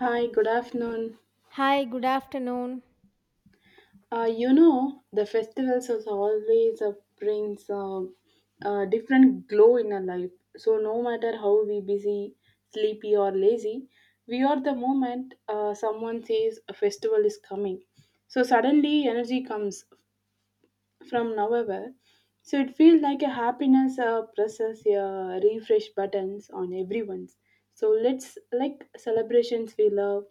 Hi, good afternoon. Hi, good afternoon. The festivals is always brings a different glow in our life. So no matter how we busy, sleepy or lazy, we are the moment someone says a festival is coming. So suddenly energy comes from November. So it feels like a happiness presses refresh buttons on everyone's. So let's like celebrations we love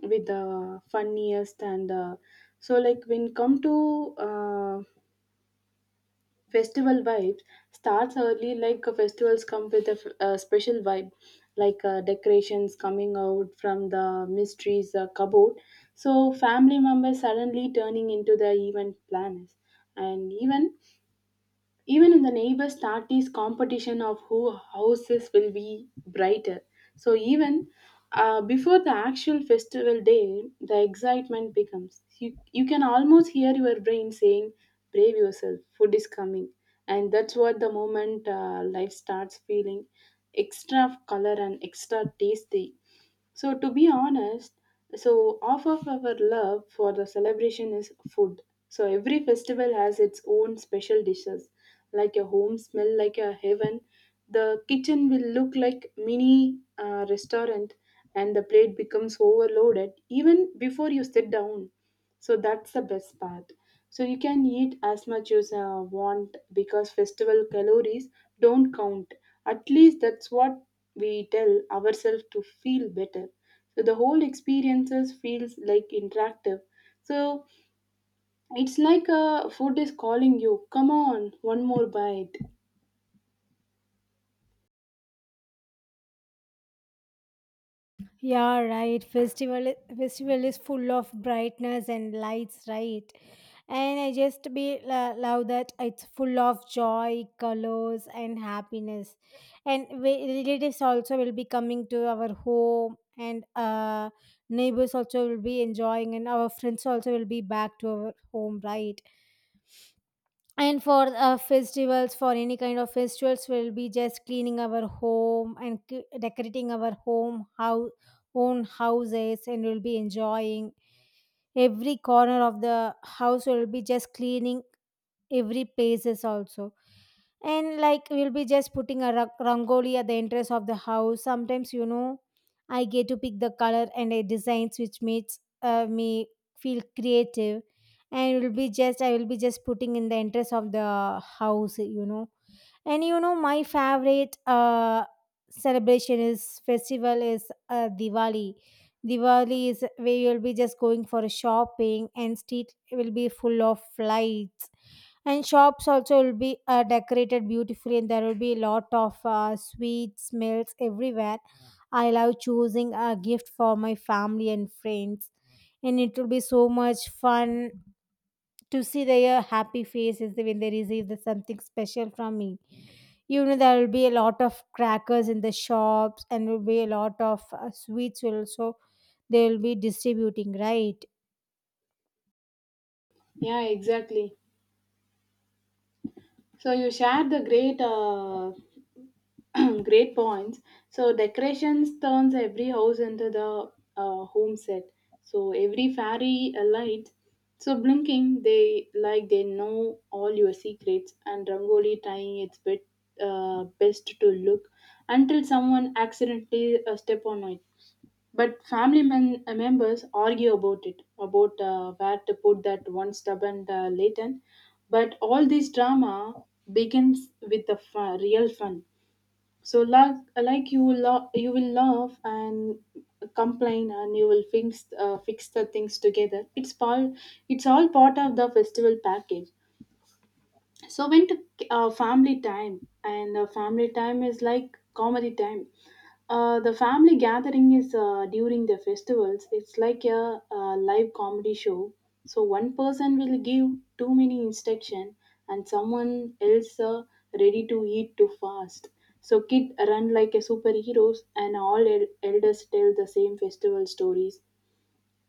with the funniest and so like when come to festival vibes starts early, like festivals come with a special vibe, like decorations coming out from the mysteries cupboard, so family members suddenly turning into the event planners, and even in the neighbors start this competition of who houses will be brighter. So even before the actual festival day, the excitement becomes. You can almost hear your brain saying, "Brave yourself, food is coming," and that's what the moment life starts feeling extra color and extra tasty. So, to be honest, so half of our love for the celebration is food. So, every festival has its own special dishes, like a home smell like a heaven. The kitchen will look like mini restaurant, and the plate becomes overloaded even before you sit down. So that's the best part. So you can eat as much as you want, because festival calories don't count. At least that's what we tell ourselves to feel better. So the whole experiences feels like interactive. So it's like food is calling you. Come on, one more bite. Yeah, right. Festival is full of brightness and lights, right? And I just love that it's full of joy, colors, and happiness. And we, relatives also will be coming to our home, and neighbors also will be enjoying, and our friends also will be back to our home, right? And for festivals, for any kind of festivals, we'll be just cleaning our home and decorating our home, how own houses, and we'll be enjoying every corner of the house. We will be just cleaning every places also. And like, we'll be just putting a rangoli at the entrance of the house sometimes, you know. I get to pick the color and the designs, which makes me feel creative, and will be just, I will be just putting in the entrance of the house, you know. And you know, my favorite celebration is festival is diwali. Diwali is where you'll be just going for shopping and street will be full of lights, and shops also will be decorated beautifully, and there will be a lot of sweet smells everywhere. I love choosing a gift for my family and friends, and it will be so much fun to see their happy faces when they receive the something special from me. You know, there will be a lot of crackers in the shops, and will be a lot of sweets will also, they will be distributing, right? Yeah, exactly. So you shared the great great points. So decorations turns every house into the home set. So every fairy light, so blinking, they like they know all your secrets, and Rangoli trying its bit best to look until someone accidentally step on it. But family members argue about it, about where to put that one stubborn latent. But all this drama begins with the real fun. So like you will laugh and complain, and you will fix the things together. It's part it's all part of the festival package. So went to family time. And family time is like comedy time. The family gathering is during the festivals. It's like a live comedy show. So one person will give too many instruction, and someone else ready to eat too fast. So kid run like a superheroes, and all elders tell the same festival stories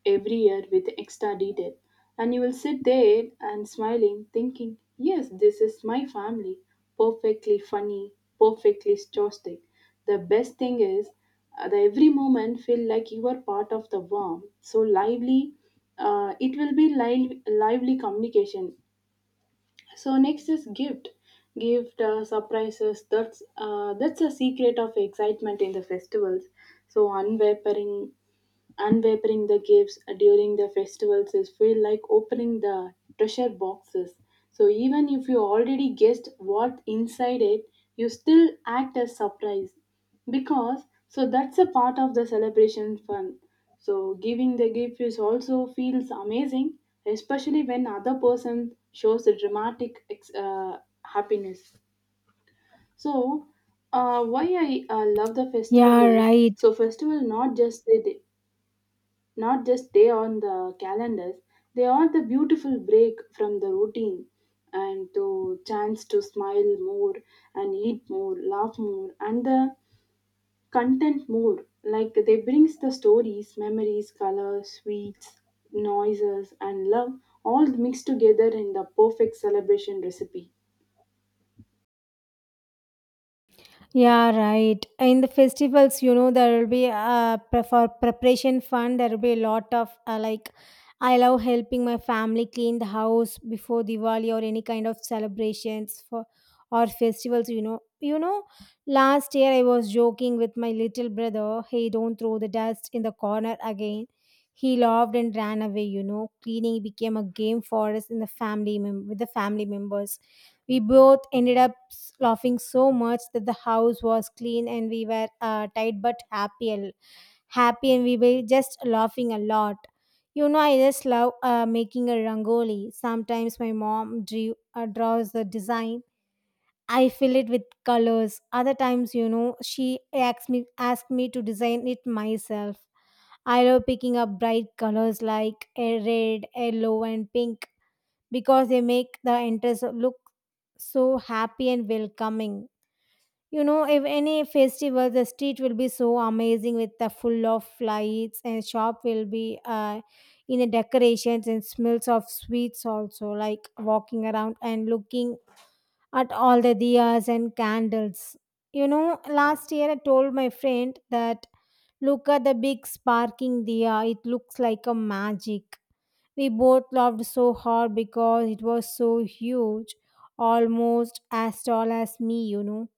every year with extra detail. And you will sit there and smiling, thinking, yes, this is my family. Perfectly funny, perfectly stoic. The best thing is, the every moment feel like you are part of the warm, so lively. It will be lively communication. So next is gift surprises. That's a secret of excitement in the festivals. So unwavering unwrapping the gifts during the festivals is feel like opening the treasure boxes. So even if you already guessed what inside it, you still act as surprised, because so that's a part of the celebration fun. So giving the gift is also feels amazing, especially when other person shows a dramatic happiness. So, why I love the festival Yeah, is, right. so festival not just day on the calendars. They are the beautiful break from the routine, and the chance to smile more, and eat more, laugh more, and the content more. Like they brings the stories, memories, colors, sweets, noises, and love, all mixed together in the perfect celebration recipe. Yeah, right. In the festivals, you know, there will be for preparation fund. There will be a lot of like, I love helping my family clean the house before Diwali or any kind of celebrations for or festivals. You know, you know. Last year, I was joking with my little brother. Hey, don't throw the dust in the corner again. He laughed and ran away. You know, cleaning became a game for us in the with the family members. We both ended up laughing so much that the house was clean, and we were tired but happy, and happy, and we were just laughing a lot. You know, I just love making a rangoli. Sometimes my mom draws the design. I fill it with colors. Other times, you know, she asks me to design it myself. I love picking up bright colors like a red, yellow, and pink because they make the enters look so happy and welcoming. You know, if any festival, the street will be so amazing with the full of lights, and shop will be in the decorations and smells of sweets also, like walking around and looking at all the diyas and candles. You know, last year I told my friend that look at the big sparking diya, it looks like a magic. We both laughed so hard because it was so huge, almost as tall as me, you know.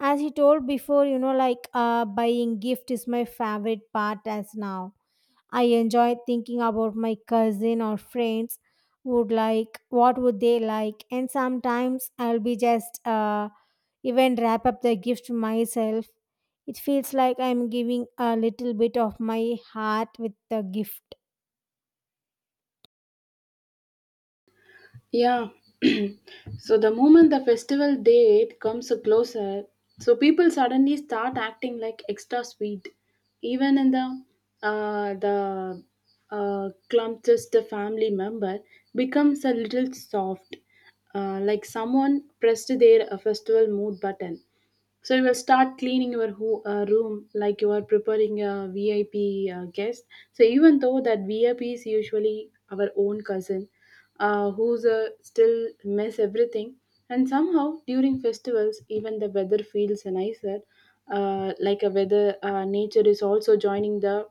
As he told before, you know, like buying gift is my favorite part as now. I enjoy thinking about my cousin or friends would like, what would they like, and sometimes I'll be just even wrap up the gift myself. It feels like I'm giving a little bit of my heart with the gift. Yeah. So the moment the festival date comes closer, so people suddenly start acting like extra sweet. Even in the clumsiest family member becomes a little soft, like someone pressed their festival mood button. So you will start cleaning your room like you are preparing a VIP guest. So even though that VIP is usually our own cousin, who's still mess everything, and somehow during festivals even the weather feels nicer, like a weather nature is also joining the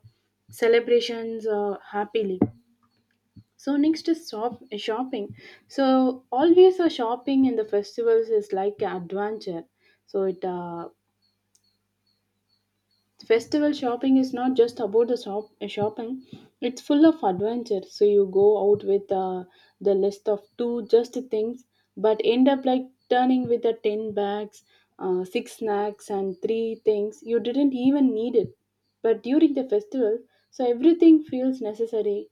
celebrations happily. So next is shopping. So always a shopping in the festivals is like an adventure. So it Festival shopping is not just about the shopping; it's full of adventure. So you go out with the list of two just things, but end up like turning with the 10 bags, six snacks, and three things you didn't even need it. But during the festival, so everything feels necessary,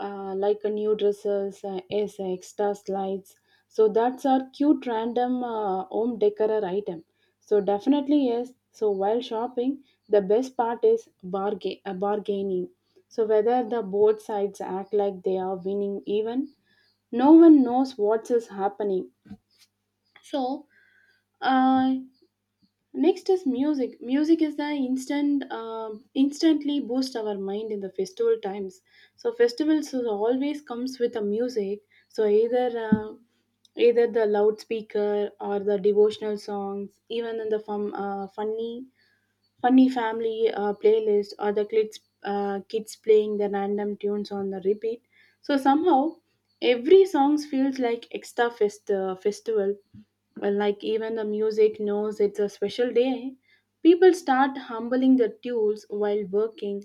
like a new dresses, yes, extra slides. So that's our cute random home decor item. So definitely yes. So while shopping, the best part is bargaining. So whether the both sides act like they are winning even, no one knows what is happening. So uh, next is music. Music is the instantly boost our mind in the festival times. So festivals is always comes with a music. So either the loudspeaker or the devotional songs, even in the funny family playlist, or the kids playing the random tunes on the repeat. So somehow every songs feels like extra festival, well, like even the music knows it's a special day. People start humbling the tools while working,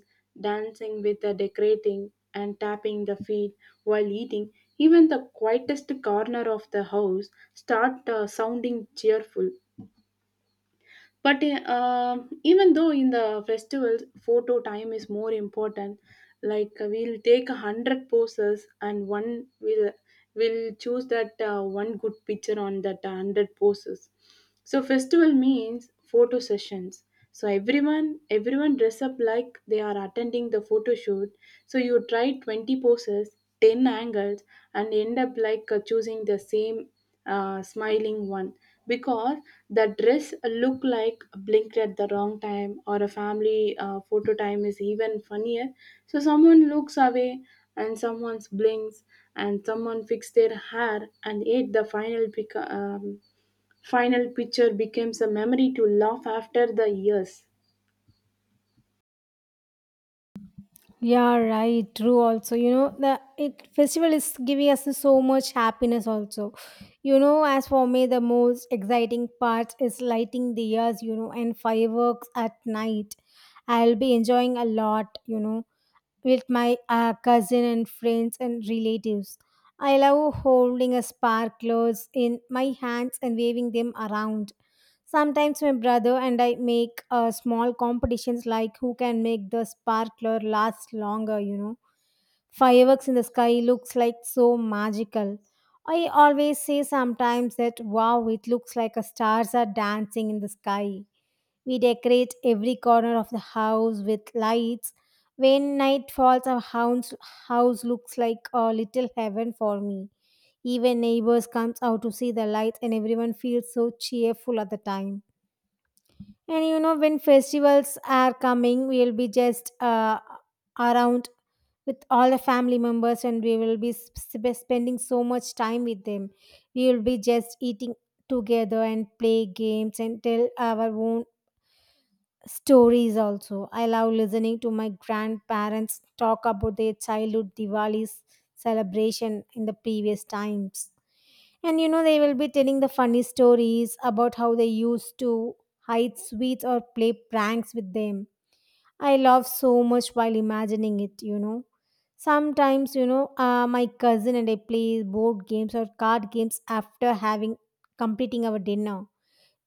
dancing with the decorating, and tapping the feet while eating. Even the quietest corner of the house start sounding cheerful. But even though in the festivals, photo time is more important. Like we'll take 100 poses, and one will choose that one good picture on that 100 poses. So festival means photo sessions. So everyone dress up like they are attending the photo shoot. So you try 20 poses, 10 angles, and end up like choosing the same smiling one, because the dress look like blinked at the wrong time, or a family photo time is even funnier. So someone looks away, and someone blinks, and someone fix their hair, and yet the final picture becomes a memory to laugh after the years. Yeah, right. True. Also, you know, the it festival is giving us so much happiness. Also, you know, as for me, the most exciting part is lighting the years, you know, and fireworks at night. I'll be enjoying a lot, you know, with my cousin and friends and relatives. I love holding a sparklers in my hands and waving them around. Sometimes my brother and I make small competitions like who can make the sparkler last longer, you know. Fireworks in the sky looks like so magical. I always say sometimes that wow, it looks like a stars are dancing in the sky. We decorate every corner of the house with lights. When night falls, house looks like a little heaven for me. Even neighbors comes out to see the lights, and everyone feels so cheerful at the time. And you know, when festivals are coming, we'll be just around with all the family members, and we will be spending so much time with them. We will be just eating together and play games and tell our own stories also. I love listening to my grandparents talk about their childhood Diwali celebration in the previous times. And you know, they will be telling the funny stories about how they used to hide sweets or play pranks with them. I laugh so much while imagining it, you know. Sometimes, you know, my cousin and I play board games or card games after having completing our dinner.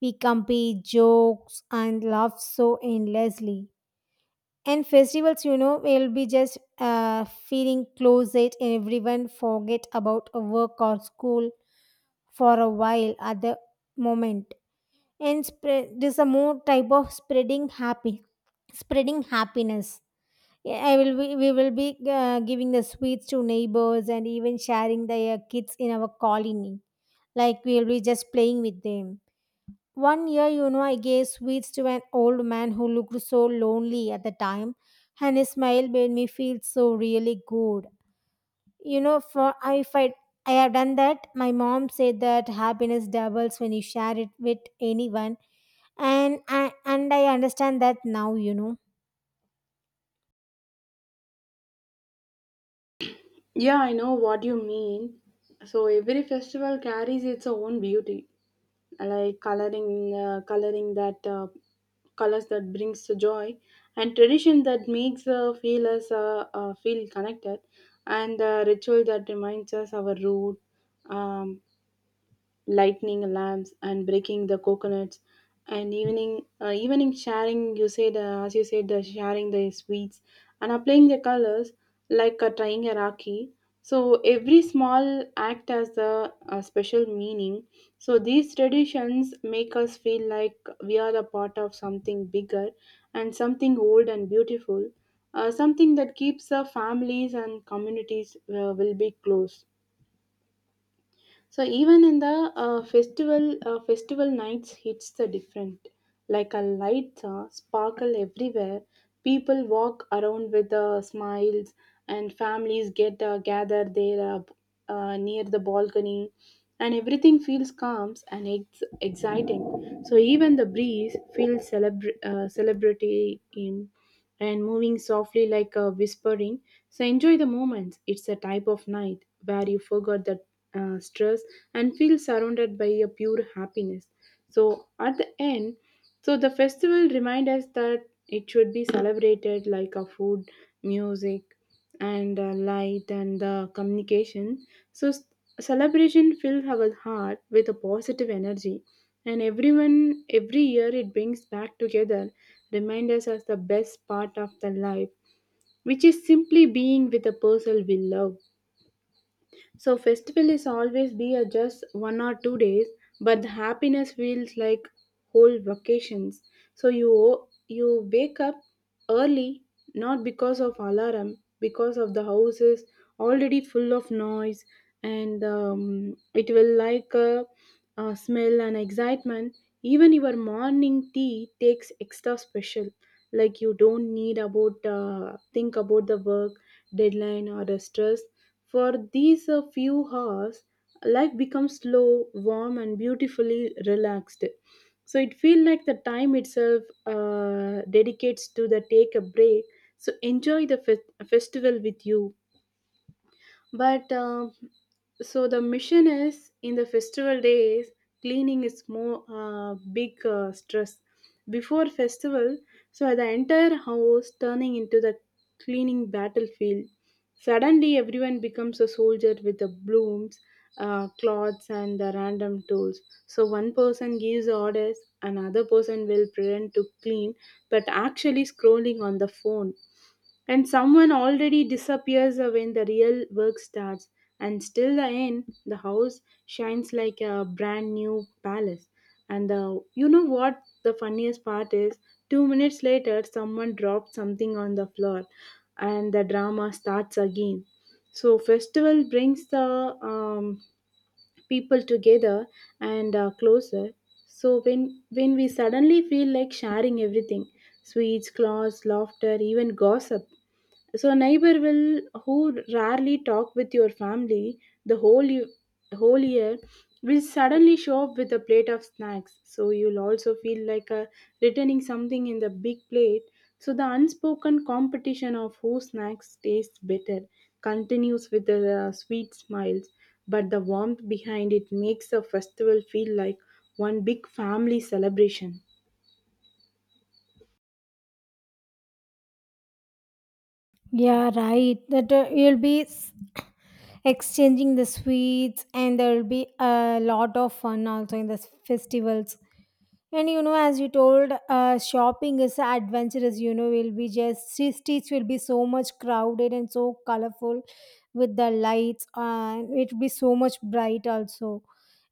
We compete, jokes, and laugh so endlessly. And festivals, you know, will be just feeling closet, and everyone forget about a work or school for a while at the moment. And spread, this a more type of spreading happy, spreading happiness. Yeah, I will be, we will be giving the sweets to neighbors and even sharing the kids in our colony. Like, we will be just playing with them. One year, you know, I gave sweets to an old man who looked so lonely at the time, and his smile made me feel so really good. You know, for if I have done that, my mom said that happiness doubles when you share it with anyone, and I understand that now. You know. Yeah, I know what you mean. So every festival carries its own beauty, like coloring, coloring that colors that brings the joy, and tradition that makes feel us feel connected, and ritual that reminds us our root, um, lighting lamps and breaking the coconuts, and evening sharing, you said as you said, the sharing the sweets, and applying the colors, like tying a rakhi. So every small act has a special meaning. So these traditions make us feel like we are a part of something bigger, and something old and beautiful, something that keeps our families and communities will be close. So even in the festival nights hits the different. Like a lights sparkle everywhere. People walk around with smiles, and families get gather there near the balcony, and everything feels calm and exciting. So even the breeze feels celebrity in, and moving softly like a whispering. So enjoy the moments. It's a type of night where you forgot that stress and feel surrounded by a pure happiness. So at the end, so the festival remind us that it should be celebrated like a food, music, and light, and communication. So celebration fills our heart with a positive energy, and every year it brings back together, remind us as the best part of the life, which is simply being with the person we love. So festival is always be a just 1 or 2 days, but the happiness feels like whole vacations. So you wake up early, not because of alarm, because of the house is already full of noise, and it will like a smell and excitement. Even your morning tea takes extra special. Like you don't need about think about the work deadline or the stress. For these few hours, life becomes slow, warm, and beautifully relaxed. So it feels like the time itself dedicates to the take a break. So enjoy the festival with you. But so the mission is, in the festival days, cleaning is more big stress. Before festival, so the entire house turning into the cleaning battlefield. Suddenly, everyone becomes a soldier with the blooms, cloths, and the random tools. So one person gives orders, another person will pretend to clean, but actually scrolling on the phone. And someone already disappears when the real work starts, and still the end, the house shines like a brand new palace. And you know what the funniest part is? 2 minutes later, someone drops something on the floor, and the drama starts again. So, festival brings the people together and closer. So, when we suddenly feel like sharing everything, sweets, clothes, laughter, even gossip. So a neighbor will who rarely talk with your family the whole year will suddenly show up with a plate of snacks. So you'll also feel like a returning something in the big plate. So the unspoken competition of who snacks tastes better continues with the sweet smiles, but the warmth behind it makes the festival feel like one big family celebration. Yeah, right. That you'll be exchanging the sweets, and there will be a lot of fun also in this festival. And you know, as you told, shopping is adventurous. You know, will be just streets will be so much crowded and so colorful with the lights, and it will be so much bright also.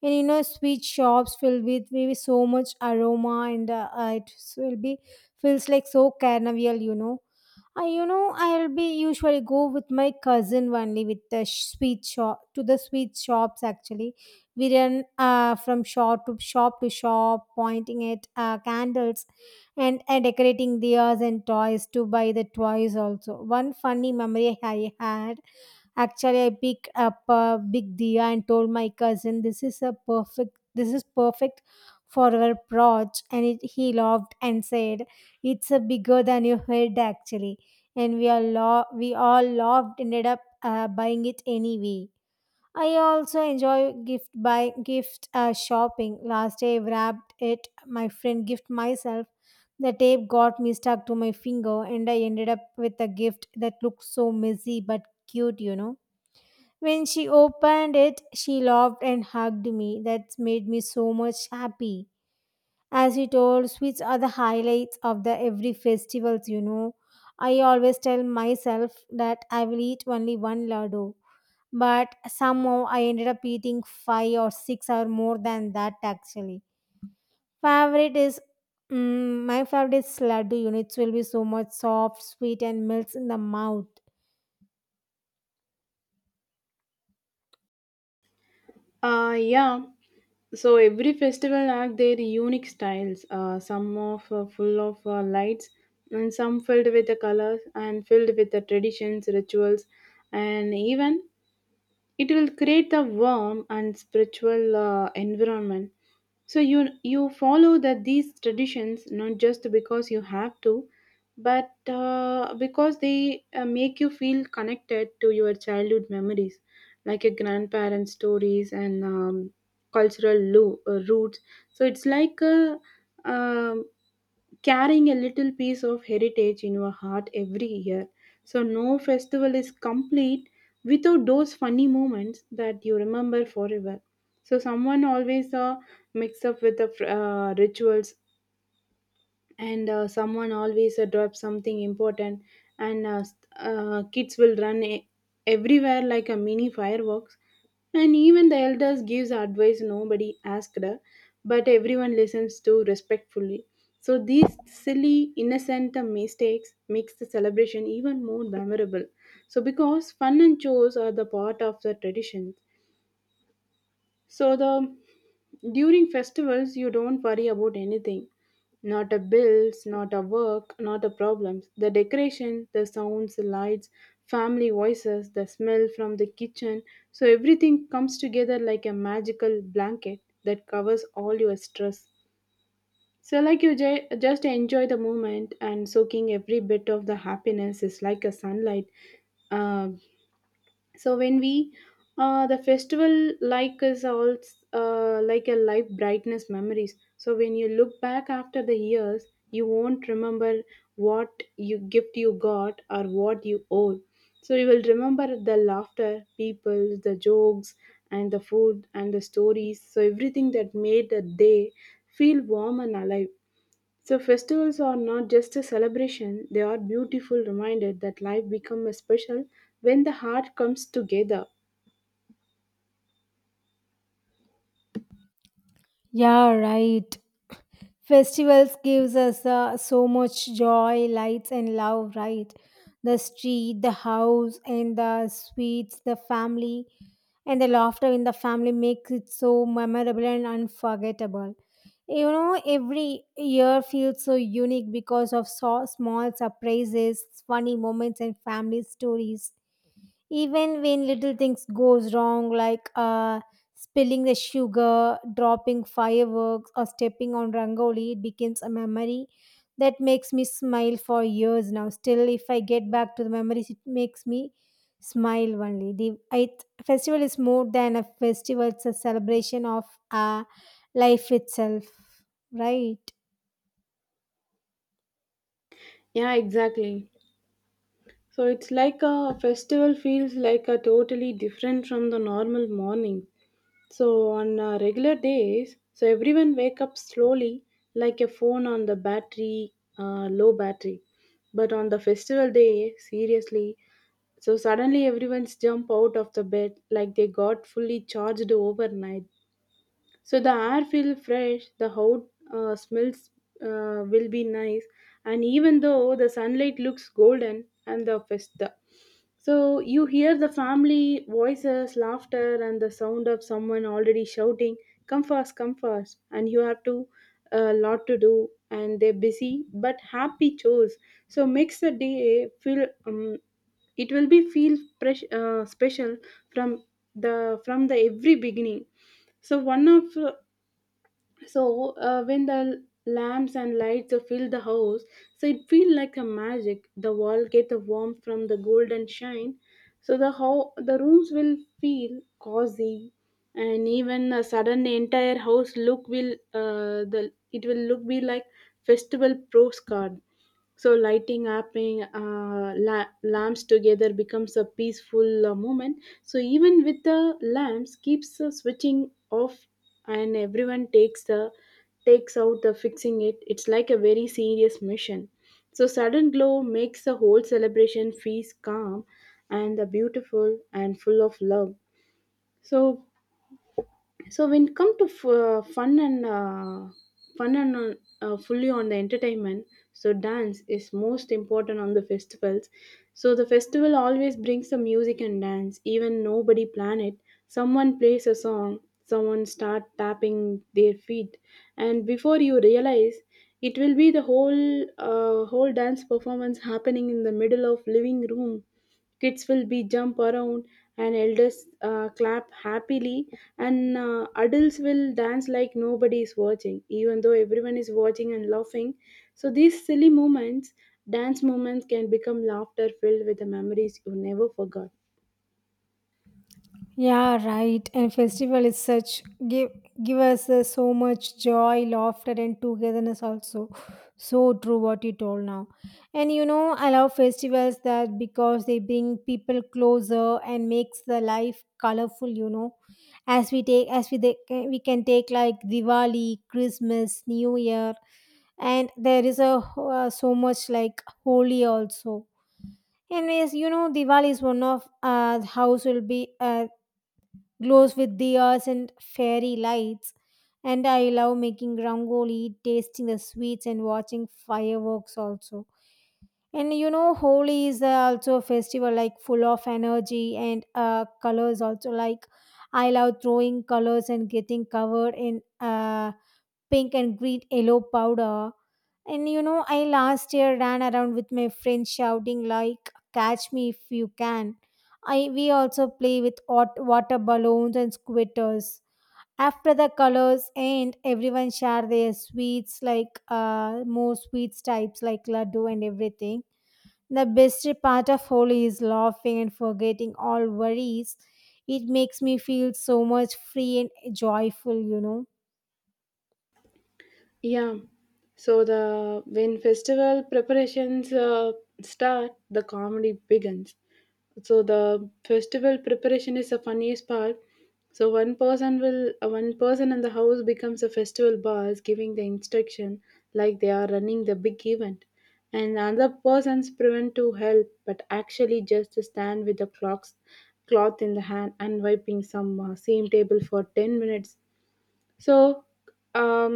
And you know, sweet shops filled with maybe so much aroma, and it will be feels like so carnival. You know, I'll be usually go with my cousin only with the sweet shop to the sweet shops. Actually, we run from shop to shop to shop, pointing at candles, and decorating diyas and toys to buy the toys also. One funny memory I had, actually I picked up a big diya and told my cousin, this is perfect for our brooch. And it, he laughed and said it's a bigger than your head, actually. And we all loved, ended up buying it anyway. I also enjoy gift shopping. Last day I wrapped it. My friend gift myself. The tape got me stuck to my finger, and I ended up with a gift that looked so messy but cute. You know. When she opened it, she laughed and hugged me. That made me so much happy. As you told, sweets are the highlights of the every festivals, you know. I always tell myself that I will eat only one laddu, but somehow I ended up eating five or six or more than that, actually. Favorite is my favorite is laddu. Units will be so much soft, sweet, and melts in the mouth. Yeah. So every festival have their unique styles. Some of full of lights, and some filled with the colors, and filled with the traditions, rituals, and even it will create the warm and spiritual environment so you follow that these traditions not just because you have to but because they make you feel connected to your childhood memories like your grandparents stories and cultural roots so it's like a um, carrying a little piece of heritage in your heart every year. So, no festival is complete without those funny moments that you remember forever. So, someone always mix up with the rituals and someone always drops something important and kids will run everywhere like a mini fireworks and even the elders gives advice nobody asked her but everyone listens to respectfully so these silly innocent mistakes makes the celebration even more memorable so because fun and chores are the part of the tradition so the during festivals you don't worry about anything. Not a bills, not a work, not a problems. The decoration, the sounds, the lights, family voices, the smell from the kitchen. So everything comes together like a magical blanket that covers all your stress. So like you just enjoy the moment and soaking every bit of the happiness is like a sunlight uh, so when we the festival like is all, like a life brightness memories so when you look back after the years you won't remember what you gift you got or what you owe so you will remember the laughter people the jokes and the food and the stories so everything that made the day feel warm and alive so festivals are not just a celebration, they are beautiful reminder that life becomes special when the heart comes together. Yeah, right. Festivals gives us so much joy, lights and love, right? The street, the house and the sweets, the family and the laughter in the family makes it so memorable and unforgettable. You know, every year feels so unique because of so small surprises, funny moments and family stories, even when little things goes wrong like spilling the sugar, dropping fireworks, or stepping on rangoli. It becomes a memory that makes me smile for years. Now still, if I get back to the memories, it makes me smile only. The it, festival is more than a festival, it's a celebration of uh, life itself, right? Yeah, exactly. So it's like a festival feels like a totally different from the normal morning. So on regular days, so everyone wake up slowly like a phone on the battery, low battery. But on the festival day, seriously, so suddenly everyone's jump out of the bed like they got fully charged overnight. So the air feel fresh, the house smells will be nice, and even though the sunlight looks golden and the festa. So you hear the family voices, laughter, and the sound of someone already shouting, "Come fast, come fast!" And you have to a lot to do, and they're busy but happy chores. So makes the day feel it will be feel fresh, special from from the every beginning. So one of so when the lamps and lights fill the house so it feel like a magic the wall get a warmth from the golden shine so the how the rooms will feel cozy and even a sudden the entire house look will the it will look be like festival postcard so lighting up in, lamps together becomes a peaceful moment. So even with the lamps keeps switching off and everyone takes out the fixing it. It's like a very serious mission. So sudden glow makes the whole celebration feels calm and beautiful and full of love. So so when it come to fun and fully on the entertainment so dance is most important on the festivals so the festival always brings the music and dance even nobody plan it someone plays a song someone start tapping their feet and before you realize it will be the whole dance performance happening in the middle of living room kids will be jump around and elders clap happily and adults will dance like nobody is watching even though everyone is watching and laughing so these silly moments dance moments can become laughter filled with the memories you never forgot. Yeah, right. And festival is such give give us so much joy, laughter, and togetherness. Also, so true what you told now. And you know, I love festivals that because they bring people closer and makes the life colorful. You know, as we can take like Diwali, Christmas, New Year, and there is a so much like Holi also. Anyways, you know, Diwali is one of house will be glows with diyas and fairy lights. And I love making rangoli, tasting the sweets, and watching fireworks also. And you know, Holi is also a festival like full of energy and colors also. Like, I love throwing colors and getting covered in pink and green yellow powder. And you know, I last year ran around with my friends shouting like catch me if you can. I, we also play with hot water balloons and squitters. After the colors end, everyone share their sweets like more sweets types like laddu and everything. The best part of Holi is laughing and forgetting all worries. It makes me feel so much free and joyful, you know. Yeah. So the when festival preparations start, the comedy begins. So the festival preparation is the funniest part. So one person in the house becomes a festival boss, giving the instruction like they are running the big event, and other persons prevent to help, but actually just stand with the clocks cloth in the hand and wiping some same table for 10 minutes so um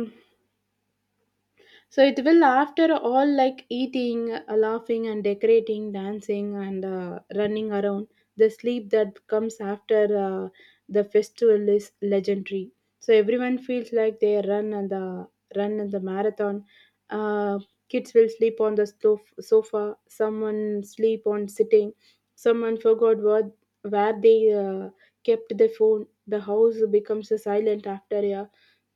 it will, after all, like eating, laughing, and decorating, dancing, and running around, the sleep that comes after the festival is legendary. So everyone feels like they run and the marathon. Uh, Kids will sleep on the sofa. Someone sleep on sitting. Someone forgot what where they kept the phone the house becomes silent after a,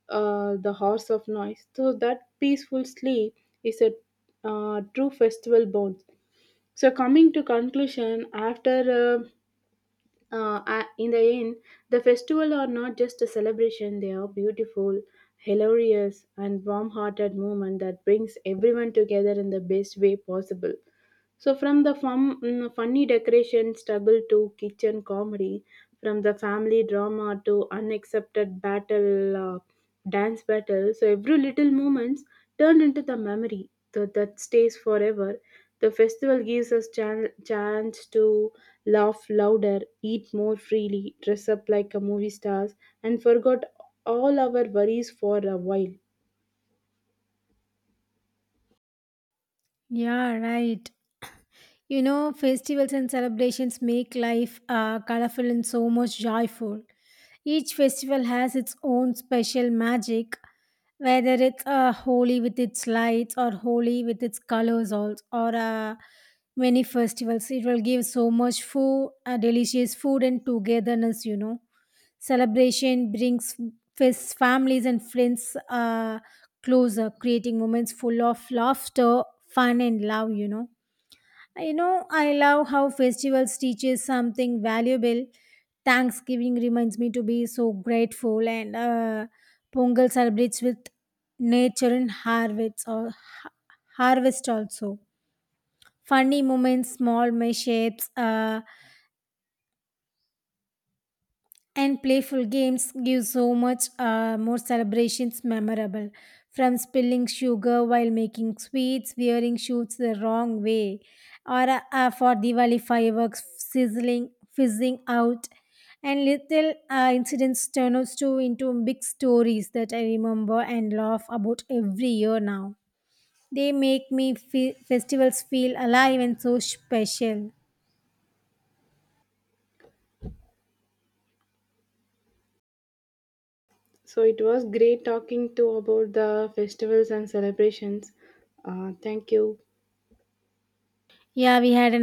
uh, the horse of noise so that peaceful sleep is a true festival bond so coming to conclusion after in the end, the festival are not just a celebration, they are beautiful, hilarious, and warm hearted movement that brings everyone together in the best way possible. So, from the fun, funny decoration struggle to kitchen comedy, from the family drama to unaccepted battle, dance battle, so every little moments turned into the memory that stays forever. The festival gives us chance to laugh louder, eat more freely, dress up like a movie stars, and forgot all our worries for a while. Yeah, right. You know, festivals and celebrations make life colorful and so much joyful. Each festival has its own special magic, whether it's Holi with its lights or Holi with its colors, also, or many festivals. It will give so much food, delicious food, and togetherness, you know. Celebration brings fest families and friends closer, creating moments full of laughter, fun, and love, you know. You know, I love how festivals teaches something valuable. Thanksgiving reminds me to be so grateful, and Pongal celebrates with nature and harvest, or harvest also. Funny moments, small mishaps. And playful games give so much more celebrations memorable, from spilling sugar while making sweets, wearing shoots the wrong way, or for diwali fireworks sizzling, fizzing out. And little incidents turn out to into big stories that I remember and laugh about every year. Now they make me festivals feel alive and so special. So it was great talking to about the festivals and celebrations. Thank you. Yeah, we had an